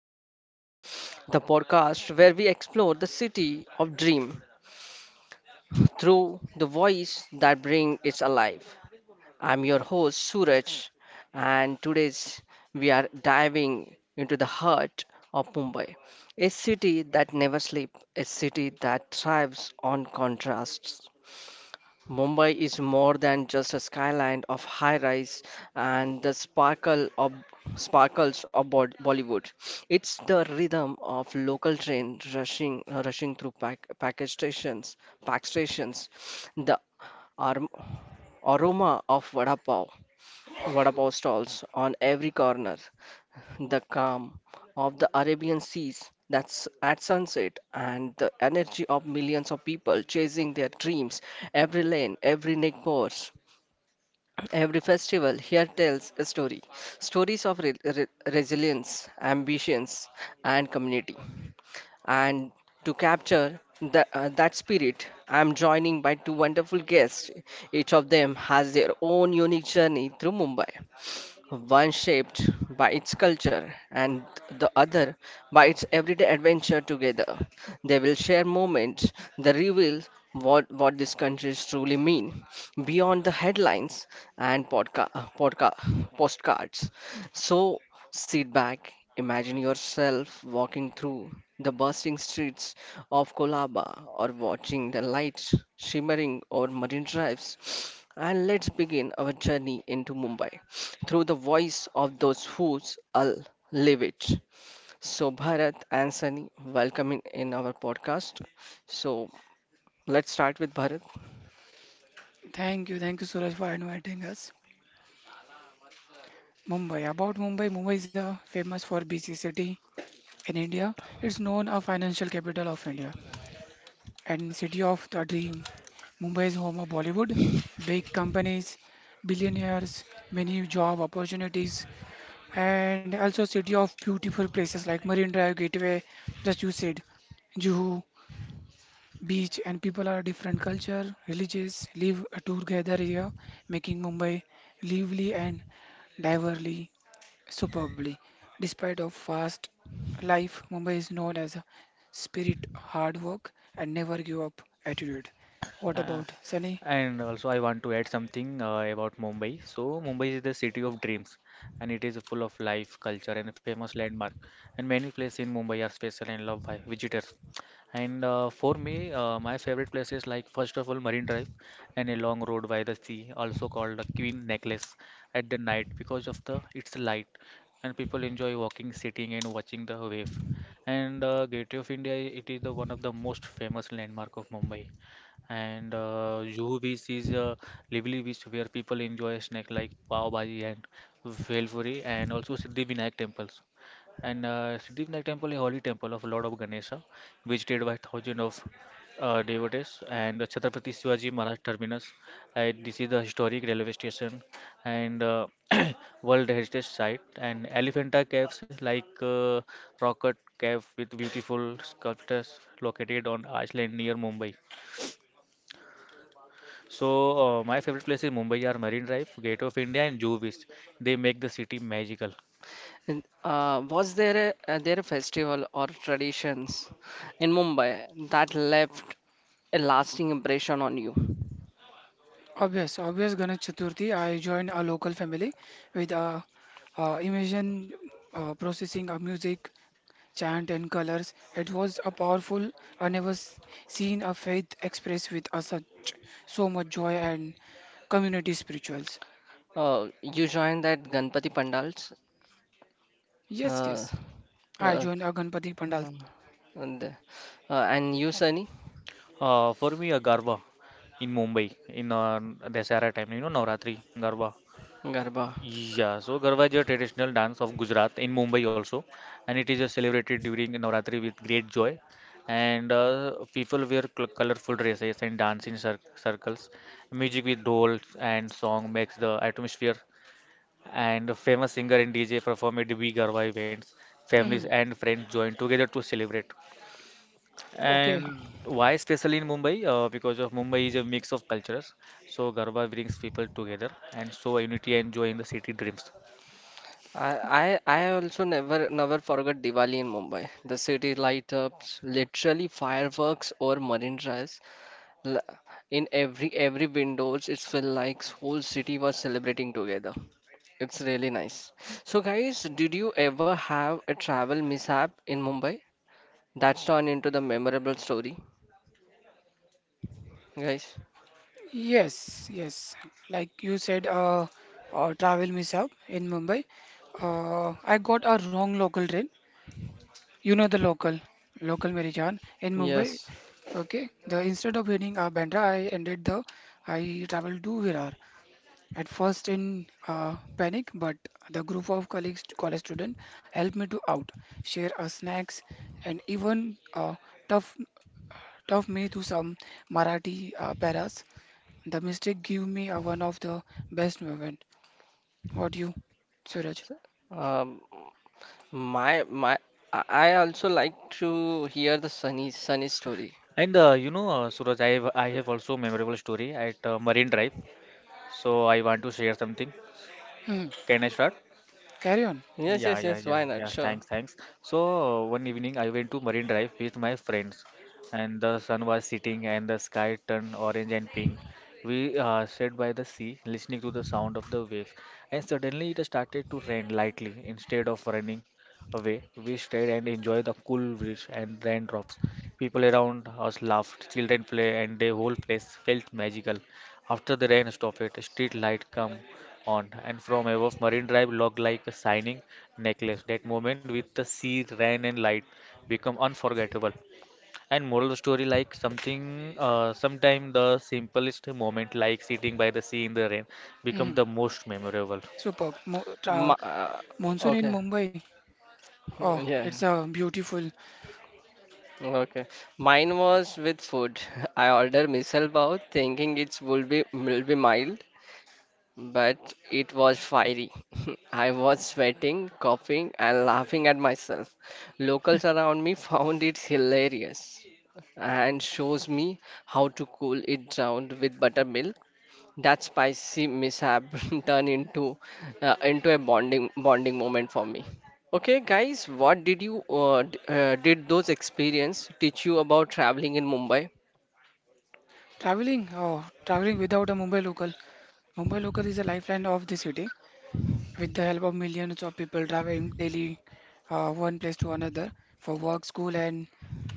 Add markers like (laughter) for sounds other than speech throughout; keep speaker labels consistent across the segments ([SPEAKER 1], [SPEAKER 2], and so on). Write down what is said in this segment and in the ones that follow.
[SPEAKER 1] Mumbai Story, the podcast where we explore the city of dream through the voice that brings it alive. I'm your host Suraj and today's we are diving into the heart of Mumbai, a city that never sleeps, a city that thrives on contrasts. Mumbai is more than just a skyline of high rise and the sparkles of Bollywood. It's the rhythm of local train rushing through pack, package stations, pack stations, the arm, aroma of vada pav stalls on every corner, the calm of the Arabian seas that's at sunset, and the energy of millions of people chasing their dreams. Every lane, every neck pores, every festival here tells a story, stories of resilience, ambitions, and community. And to capture that spirit, I'm joining by two wonderful guests. Each of them has their own unique journey through Mumbai, one shaped by its culture and the other by its everyday adventure. Together, they will share moments that reveal what these countries truly mean beyond the headlines and postcards. So, sit back, imagine yourself walking through the bustling streets of Colaba or watching the lights shimmering over marine drives. And let's begin our journey into Mumbai through the voice of those who all live it. So, Bharat and Sunny, welcome in our podcast. So, let's start with Bharat.
[SPEAKER 2] Thank you, Suraj, for inviting us. Mumbai. About Mumbai, Mumbai is a famous for busy city in India. It's known a financial capital of India and city of the dream. Mumbai is home of Bollywood, big companies, billionaires, many job opportunities, and also city of beautiful places like Marine Drive, Gateway, just you said, Juhu beach, and people are different culture, religious, live together here, making Mumbai lively and diversely. Superbly. Despite of fast life, Mumbai is known as a spirit hard work and never give up attitude. What
[SPEAKER 3] Uh,
[SPEAKER 2] about Sunny?
[SPEAKER 3] and also, I want to add something about Mumbai. So, Mumbai is the city of dreams, and it is full of life, culture, and a famous landmark. And many places in Mumbai are special and loved by visitors. And for me, my favorite places like first of all Marine Drive and a long road by the sea, also called the Queen Necklace, at the night because of the its light, and people enjoy walking, sitting, and watching the wave. And Gateway of India, it is the one of the most famous landmark of Mumbai and Juhu Beach is a lively beach where people enjoy snacks like pav bhaji and velpuri, and also Siddhivinayak temples. And Siddhivinayak temple is a holy temple of Lord of Ganesha, visited by thousands of devotees. And the Chhatrapati Shivaji Maharaj terminus, and this is the historic railway station and (clears throat) World Heritage Site. And Elephanta Caves, like Rocket Cave, with beautiful sculptures located on island near Mumbai. So, my favorite places in Mumbai are Marine Drive, Gate of India, and Zoo Beach. They make the city magical.
[SPEAKER 1] And was there a festival or traditions in Mumbai that left a lasting impression on you?
[SPEAKER 2] Obvious, obvious Ganesh Chaturthi. I joined a local family with a, immersion processing of music, chant, and colors. It was a powerful. I never s- seen a faith expressed with a such so much joy and community spirituals.
[SPEAKER 1] You joined that Ganpati Pandals,
[SPEAKER 2] Yes,
[SPEAKER 1] uh,
[SPEAKER 2] yes. I
[SPEAKER 1] uh,
[SPEAKER 2] joined a Ganpati Pandal.
[SPEAKER 1] and, uh, and you, Sunny
[SPEAKER 3] For me, a Garba in Mumbai in Dasara time, you know, Navratri, Garba.
[SPEAKER 1] Garba.
[SPEAKER 3] Yeah, so Garba is a traditional dance of Gujarat in Mumbai also, and it is celebrated during Navratri with great joy. And people wear colorful dresses and dance in circles. Music with dolls and song makes the atmosphere and a famous singer and DJ perform at big Garba events. Families
[SPEAKER 2] Mhm.
[SPEAKER 3] and friends join together to celebrate.
[SPEAKER 2] Okay.
[SPEAKER 3] And why especially in Mumbai? Because of Mumbai is a mix of cultures. So Garba brings people together and so unity and joy in the city dreams.
[SPEAKER 1] I also never forgot Diwali in Mumbai. The city light ups, literally fireworks or marine drives. L- In every windows, it felt like whole city was celebrating together. It's really nice. So guys, did you ever have a travel mishap in Mumbai that's turned into the memorable story? Guys,
[SPEAKER 2] Yes, yes. Like you said, travel miss out in Mumbai. I got a wrong local train. You know the local, local Mary Jaan in Mumbai.
[SPEAKER 1] yes.
[SPEAKER 2] Okay. The instead of hitting Bandra, I ended the. I traveled to Virar. At first in panic, but the group of colleagues, college students helped me to out, share our snacks, and even tough, tough me to some Marathi paras the mistake gave me a one of the best moment. What do you, Suraj?
[SPEAKER 1] So, Um, my my, I also like to hear the Sunny story.
[SPEAKER 3] And you know, Suraj, I have also memorable story at Marine Drive. So I want to share something.
[SPEAKER 2] Hmm.
[SPEAKER 3] Can I start?
[SPEAKER 2] Carry on.
[SPEAKER 1] Yes,
[SPEAKER 3] Yeah,
[SPEAKER 1] yes,
[SPEAKER 3] yeah,
[SPEAKER 1] yes.
[SPEAKER 3] yeah,
[SPEAKER 1] Why
[SPEAKER 3] yeah.
[SPEAKER 1] not? Sure.
[SPEAKER 3] Thanks. So one evening I went to Marine Drive with my friends, and the sun was setting and the sky turned orange and pink. We sat by the sea, listening to the sound of the waves, and suddenly it started to rain lightly. Instead of running away, we stayed and enjoyed the cool breeze and raindrops. People around us laughed, children play, and the whole place felt magical. After the rain stopped, a street light come on, and from above Marine Drive looked like a shining necklace. That moment with the sea, rain, and light become unforgettable. And moral story like something, sometime the simplest moment, like sitting by the sea in the rain, become
[SPEAKER 2] Hmm.
[SPEAKER 3] the most memorable.
[SPEAKER 2] Superb. Mo
[SPEAKER 1] My, uh,
[SPEAKER 2] monsoon in
[SPEAKER 1] okay.
[SPEAKER 2] Mumbai. Oh,
[SPEAKER 1] (laughs) Yeah.
[SPEAKER 2] it's a beautiful
[SPEAKER 1] Okay. Mine was with food. (laughs) I ordered misal pav, thinking it will be mild, but it was fiery. (laughs) I was sweating, coughing, and laughing at myself. Locals around me (laughs) found it hilarious and shows me how to cool it down with buttermilk. That spicy mishap (laughs) turned into a bonding moment for me. Okay, guys, what did those experience teach you about traveling in Mumbai?
[SPEAKER 2] traveling. Oh, traveling without a Mumbai local. Mumbai local is a lifeline of the city. With the help of millions of people traveling daily, one place to another for work, school, and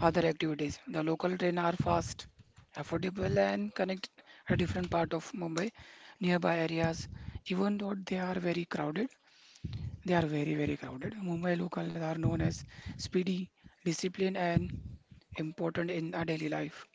[SPEAKER 2] other activities, the local trains are fast, affordable, and connect a different part of Mumbai, nearby areas. Even though they are very crowded, they are very, very crowded. Mumbai locals are known as speedy, disciplined, and important in our daily life.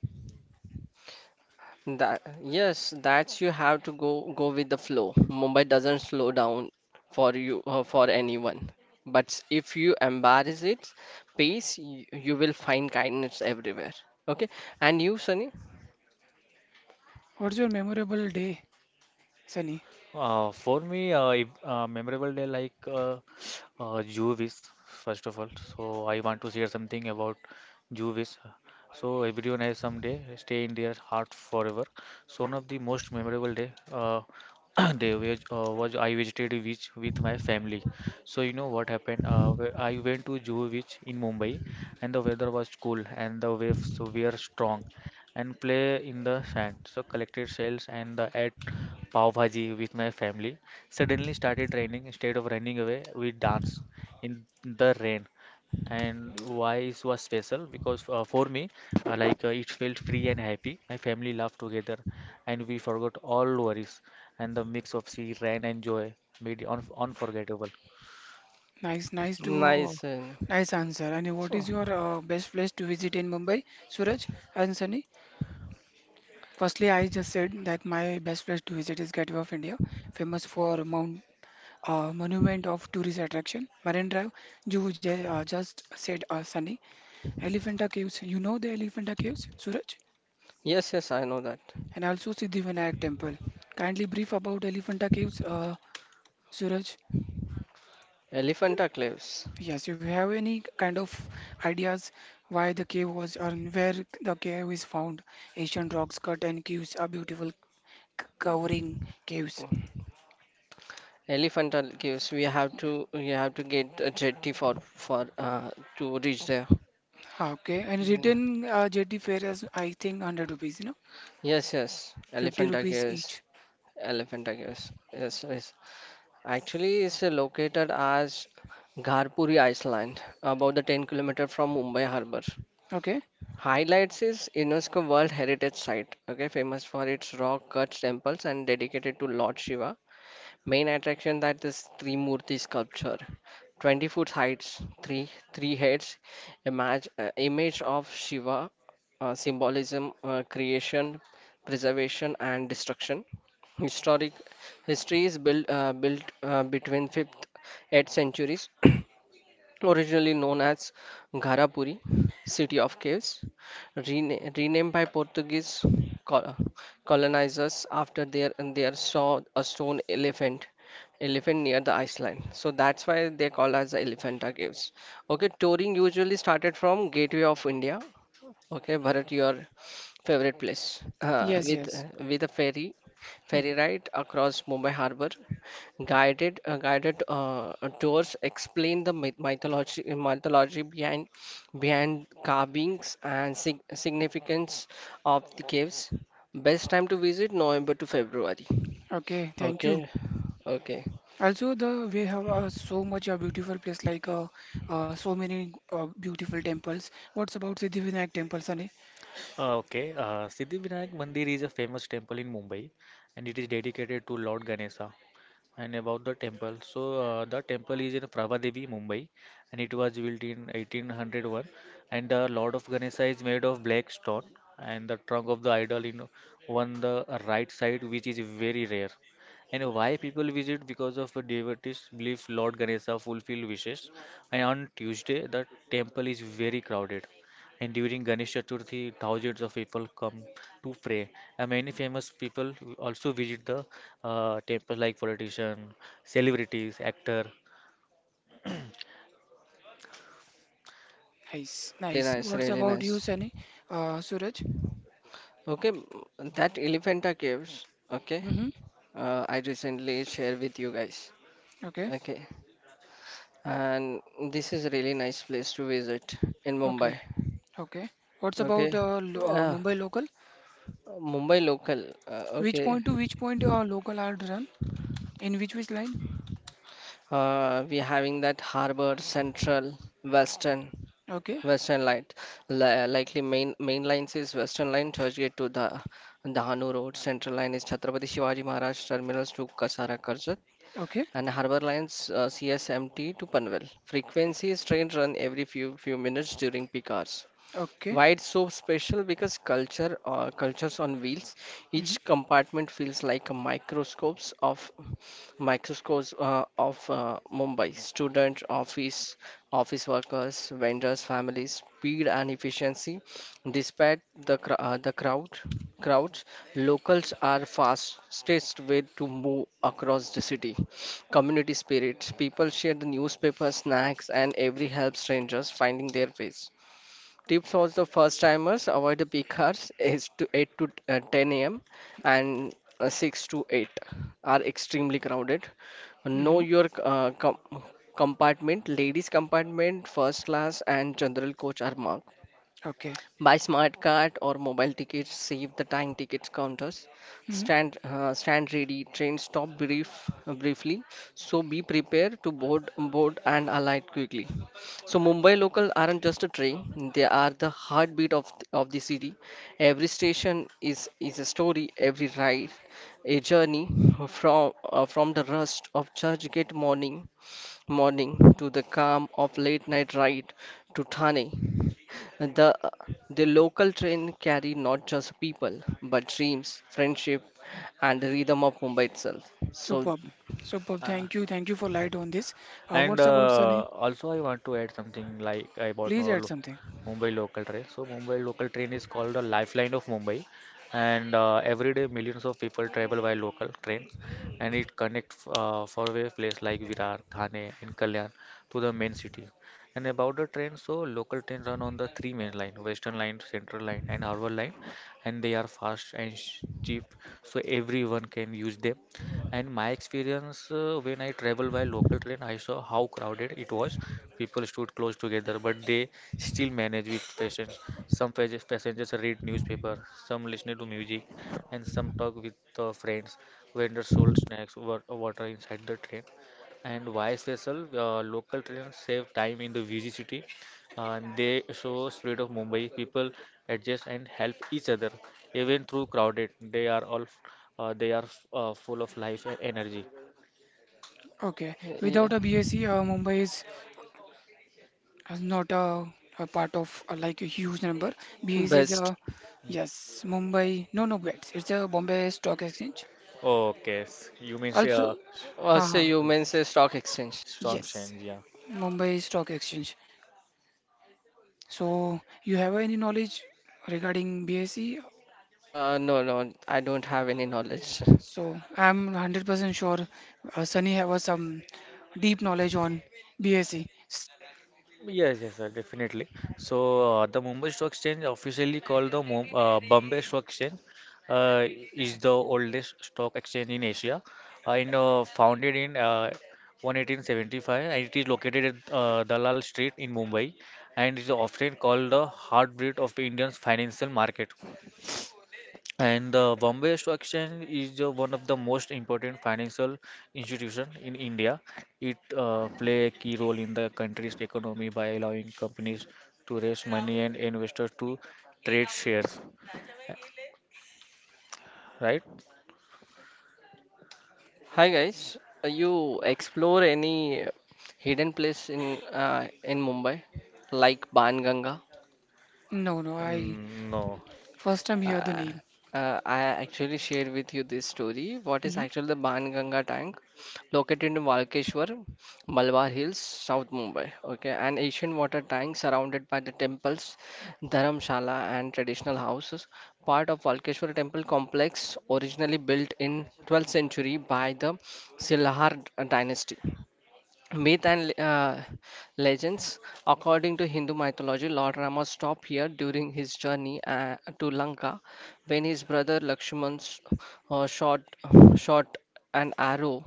[SPEAKER 1] That yes, that's you have to go with the flow. Mumbai doesn't slow down for you or for anyone. But if you embrace its pace, you will find kindness everywhere. Okay, and you, Sunny?
[SPEAKER 2] What's your memorable day, Sunny?
[SPEAKER 3] For me, if, memorable day like Juvis, first of all. So I want to share something about Juvis. So everyone has some day stay in their heart forever. So one of the most memorable day (clears throat) day was I visited a beach with my family. So you know what happened? I went to Juhu beach in Mumbai, and the weather was cool and the waves were strong, and play in the sand. So collected shells and the pav bhaji with my family. Suddenly started raining. Instead of running away, we danced in the rain. And why it was special? Because for me, like it felt free and happy. My family laughed together, and we forgot all worries. And the mix of sea, rain, and joy made it un unforgettable.
[SPEAKER 2] Nice, nice to
[SPEAKER 1] Nice. Sunny.
[SPEAKER 2] nice answer. And what is
[SPEAKER 1] So,
[SPEAKER 2] your best place to visit in Mumbai, Suraj and Sunny? Firstly, I just said that my best place to visit is Gateway of India, famous for Mount Monument of Tourist Attraction, Marine Drive. Just said Sunny, Elephanta Caves. You know the Elephanta Caves, Suraj,
[SPEAKER 1] yes, yes, I know that.
[SPEAKER 2] and also Siddhivinayak Temple. Kindly brief about Elephanta Caves, Suraj.
[SPEAKER 1] Elephanta Cliffs.
[SPEAKER 2] Yes, if you have any kind of ideas why the cave was and where the cave is found, ancient rocks cut and caves are beautiful covering caves.
[SPEAKER 1] Elephanta Cliffs. We have to get a jetty for to reach there.
[SPEAKER 2] Ah, okay, and return jetty fare is I think 100 rupees, you know,
[SPEAKER 1] Yes, yes.
[SPEAKER 2] 50
[SPEAKER 1] Elephanta
[SPEAKER 2] rupees
[SPEAKER 1] Caves.
[SPEAKER 2] each.
[SPEAKER 1] Elephanta Caves. Yes, yes. Actually, it's located as Gharpuri Island, about the 10-kilometer from Mumbai Harbour.
[SPEAKER 2] Okay,
[SPEAKER 1] Highlights is UNESCO World Heritage Site, okay, famous for its rock cut temples and dedicated to Lord Shiva. Main attraction that is Trimurti sculpture, 20-foot heights, three heads, image of Shiva, symbolism, creation, preservation, and destruction. Historic history is built between 5th 8th centuries. (coughs) Originally known as Gharapuri, City of Caves, renamed by Portuguese col- colonizers after their saw a stone elephant near the iceland, so that's why they call as the Elephanta Caves. Okay, touring usually started from Gateway of India. Okay, Bharat, your favorite place
[SPEAKER 2] yes, yes.
[SPEAKER 1] with a ferry, ferry
[SPEAKER 2] Hmm.
[SPEAKER 1] ride across Mumbai Harbour. Guided tours explain the mythology behind behind carvings and significance of the caves. Best time to visit November to February.
[SPEAKER 2] Okay, thank you.
[SPEAKER 1] Okay, okay,
[SPEAKER 2] Also, the we have so much a beautiful place like so many beautiful temples. What's about Siddhivinayak temple, Sunny?
[SPEAKER 3] Okay, Siddhivinayak Mandir is a famous temple in Mumbai, and it is dedicated to Lord Ganesha. And about the temple, so the temple is in Pravadevi, Mumbai, and it was built in 1801. And the Lord of Ganesha is made of black stone, and the trunk of the idol in on the right side, which is very rare. And why people visit? Because of devotees believe Lord Ganesha fulfill wishes. And on Tuesday, the temple is very crowded. And during Ganesh Chaturthi, thousands of people come to pray. And many famous people also visit the temples like politician, celebrities, actor.
[SPEAKER 2] Nice,
[SPEAKER 1] really
[SPEAKER 2] nice.
[SPEAKER 1] nice,
[SPEAKER 2] What's
[SPEAKER 1] really
[SPEAKER 2] about you,
[SPEAKER 1] nice.
[SPEAKER 2] Sunny? Suraj?
[SPEAKER 1] Okay, that Elephanta Caves. Okay,
[SPEAKER 2] Mm-hmm.
[SPEAKER 1] I recently share with you guys.
[SPEAKER 2] Okay.
[SPEAKER 1] Okay, and this is a really nice place to visit in
[SPEAKER 2] Okay.
[SPEAKER 1] Mumbai.
[SPEAKER 2] Okay. What's about
[SPEAKER 1] Okay,
[SPEAKER 2] lo
[SPEAKER 1] uh,
[SPEAKER 2] Mumbai local?
[SPEAKER 1] Mumbai local.
[SPEAKER 2] Which
[SPEAKER 1] Okay,
[SPEAKER 2] point to which point local are run? In which line?
[SPEAKER 1] we having that Harbour, Central, Western,
[SPEAKER 2] Okay.
[SPEAKER 1] Western line. Likely main lines is Western line, Churchgate to the Dahanu Road. Central line is Chhatrapati Shivaji Maharaj Terminus to Kasara Karjat.
[SPEAKER 2] Okay.
[SPEAKER 1] And Harbour Lines CSMT to Panvel. Frequency is train run every few minutes during peak hours.
[SPEAKER 2] Okay.
[SPEAKER 1] Why it's so special? Because culture, cultures on wheels. Each
[SPEAKER 2] Mm-hmm.
[SPEAKER 1] compartment feels like a microscopes of Mumbai. Student, office, office workers, vendors, families, speed and efficiency. Despite the crowd, crowds, locals are fastest way to move across the city. Community spirit. People share the newspaper, snacks, and every helps strangers finding their ways. Tips also first timers avoid the peak hours is to 8 to 10 a.m. and 6 to 8 are extremely crowded. Know
[SPEAKER 2] Mm-hmm.
[SPEAKER 1] your uh, com- compartment. Ladies compartment, first class and general coach are marked.
[SPEAKER 2] Okay.
[SPEAKER 1] Buy smart card or mobile tickets, save the time tickets counters,
[SPEAKER 2] Mm-hmm.
[SPEAKER 1] stand ready, train stop briefly, so be prepared to board and alight quickly. So Mumbai local aren't just a train; they are the heartbeat of of the city. Every station is a story. Every ride, a journey from the rust of Churchgate morning to the calm of late night ride to Thane. The, the local train carried not just people, but dreams, friendship, and the rhythm of Mumbai itself. So,
[SPEAKER 2] Superb. Superb.
[SPEAKER 3] Uh,
[SPEAKER 2] Thank you. Thank you for light on this.
[SPEAKER 3] And
[SPEAKER 2] What's about
[SPEAKER 3] uh,
[SPEAKER 2] Sunny?
[SPEAKER 3] also, I want to add something like I bought
[SPEAKER 2] Please
[SPEAKER 3] no
[SPEAKER 2] add
[SPEAKER 3] lo
[SPEAKER 2] something.
[SPEAKER 3] Mumbai local train. So Mumbai local train is called the lifeline of Mumbai, and every day millions of people travel by local trains, and it connects faraway places like Virar, Thane, and Kalyan to the main city. And about the train, so local trains run on the three main line: Western Line, Central Line, and Harbour Line, and they are fast and cheap, so everyone can use them. And my experience when I travel by local train, I saw how crowded it was. People stood close together, but they still manage with patience. Some passengers read newspaper, some listen to music, and some talk with friends. Vendors sold snacks, water inside the train. And vice versa, local trains save time in the busy city. They show spirit of Mumbai. People adjust and help each other, even through crowded. They are full of life and energy.
[SPEAKER 2] Okay.
[SPEAKER 1] yeah,
[SPEAKER 2] Without a BSc, Mumbai is not a, a part of like a huge number. BSE is
[SPEAKER 1] best.
[SPEAKER 2] a yes. Mumbai. No, no, wait. It's a Bombay Stock Exchange.
[SPEAKER 3] You mean
[SPEAKER 2] Also,
[SPEAKER 1] Also,
[SPEAKER 2] haha,
[SPEAKER 1] you mentioned stock exchange.
[SPEAKER 3] strong
[SPEAKER 2] yes,
[SPEAKER 3] change, yeah.
[SPEAKER 2] Mumbai Stock Exchange. So, you have any knowledge regarding BSE?
[SPEAKER 1] No, no, I don't have any knowledge. (laughs)
[SPEAKER 2] So, I'm 100% sure Sunny have some deep knowledge on BSE.
[SPEAKER 3] Yes, yes, sir, definitely. So, the Mumbai Stock Exchange, officially called the Mum Bombay Stock Exchange, uh, is the oldest stock exchange in Asia and founded in 1875 and it is located at Dalal Street in Mumbai and is often called the heartbeat of the Indian financial market. And the Bombay Stock Exchange is one of the most important financial institution in India. It play a key role in the country's economy by allowing companies to raise money and investors to trade shares. Right?
[SPEAKER 1] Hi guys, you explore any hidden place in Mumbai, like Banganga?
[SPEAKER 2] No, no, I
[SPEAKER 3] Mm, no.
[SPEAKER 2] first time hear the
[SPEAKER 1] Uh,
[SPEAKER 2] name.
[SPEAKER 1] I actually share with you this story. What is
[SPEAKER 2] Hmm.
[SPEAKER 1] actually the Banganga tank located in Walkeshwar, Malabar Hills, South Mumbai. Okay, an ancient water tank surrounded by the temples, dharamshala, and traditional houses. Part of Walkeshwar temple complex, originally built in 12th century by the Silhar dynasty. Myth and legends. According to Hindu mythology, Lord Rama stopped here during his journey to Lanka when his brother Lakshman uh, shot shot an arrow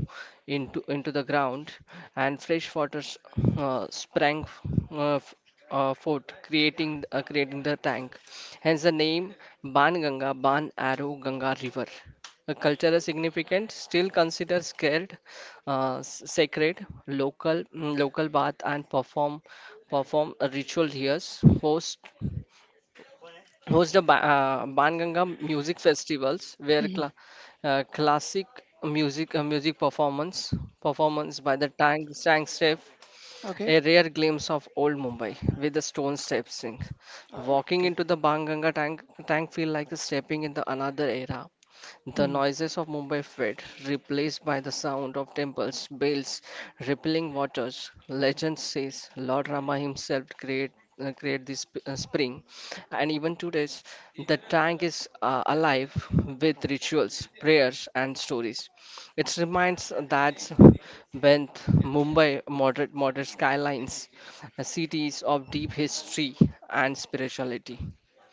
[SPEAKER 1] into the ground, and fresh water uh, sprang f- uh, f- forth, creating the tank. Hence the name Ban Ganga, Ban Arrow Ganga River. A cultural significance still considered scared sacred local local bath and perform a ritual here host host the Banganga music festivals where classic music performance by the tank staff,
[SPEAKER 2] Okay,
[SPEAKER 1] a rare glimpse of old Mumbai with the stone step sink.
[SPEAKER 2] uh,
[SPEAKER 1] Walking
[SPEAKER 2] okay.
[SPEAKER 1] into the Banganga tank feel like stepping into another era. The
[SPEAKER 2] Hmm.
[SPEAKER 1] noises of Mumbai fade, replaced by the sound of temples, bells, rippling waters. Legend says Lord Rama himself create this spring, and even today, the tank is alive with rituals, prayers, and stories. It reminds that when Mumbai moderate, moderate skylines, cities of deep history and spirituality.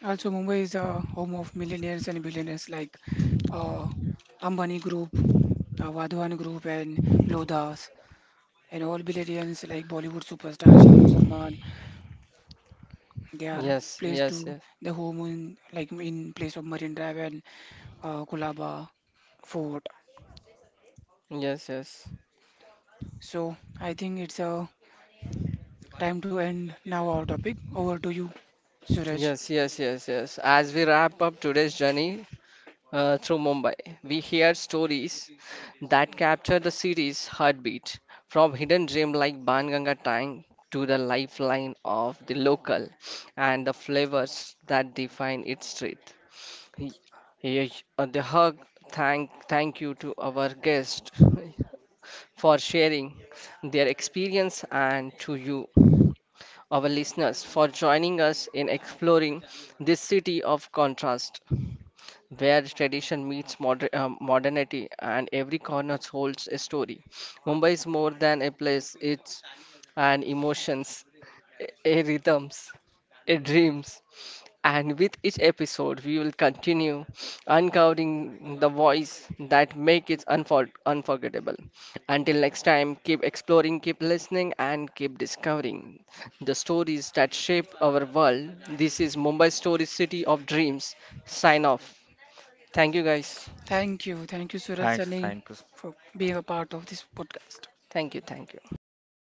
[SPEAKER 2] Also, Mumbai is a home of millionaires and billionaires like uh, Ambani Group, Vadhavan Group, and Lodhas. And all billionaires like Bollywood superstar Shahrukh Salman, they are
[SPEAKER 1] Yes,
[SPEAKER 2] placed
[SPEAKER 1] yes,
[SPEAKER 2] to
[SPEAKER 1] yes,
[SPEAKER 2] the home in like in place of Marine Drive and Kulaba Fort.
[SPEAKER 1] yes, yes.
[SPEAKER 2] So I think it's a time to end now our topic. Over to you, Suraj.
[SPEAKER 1] Yes, yes, yes, yes. As we wrap up today's journey through Mumbai, we hear stories that capture the city's heartbeat, from hidden gem like Banganga Tang to the lifeline of the local and the flavors that define its street. Y- The hug. Thank you to our guest (laughs) for sharing their experience and to you, our listeners, for joining us in exploring this city of contrast, where tradition meets modernity and every corner holds a story. Mumbai is more than a place, it's an emotions, a rhythms, a dreams. And with each episode, we will continue uncovering the voice that make it unforgettable. Until next time, keep exploring, keep listening, and keep discovering the stories that shape our world. This is Mumbai Story City of Dreams. Sign off. Thank you, guys.
[SPEAKER 2] Thank you, Suraj
[SPEAKER 3] Thanks.
[SPEAKER 2] Sani,
[SPEAKER 3] Thanks.
[SPEAKER 2] for being a part of this podcast.
[SPEAKER 1] Thank you. Thank you.
[SPEAKER 2] Thank you, guys.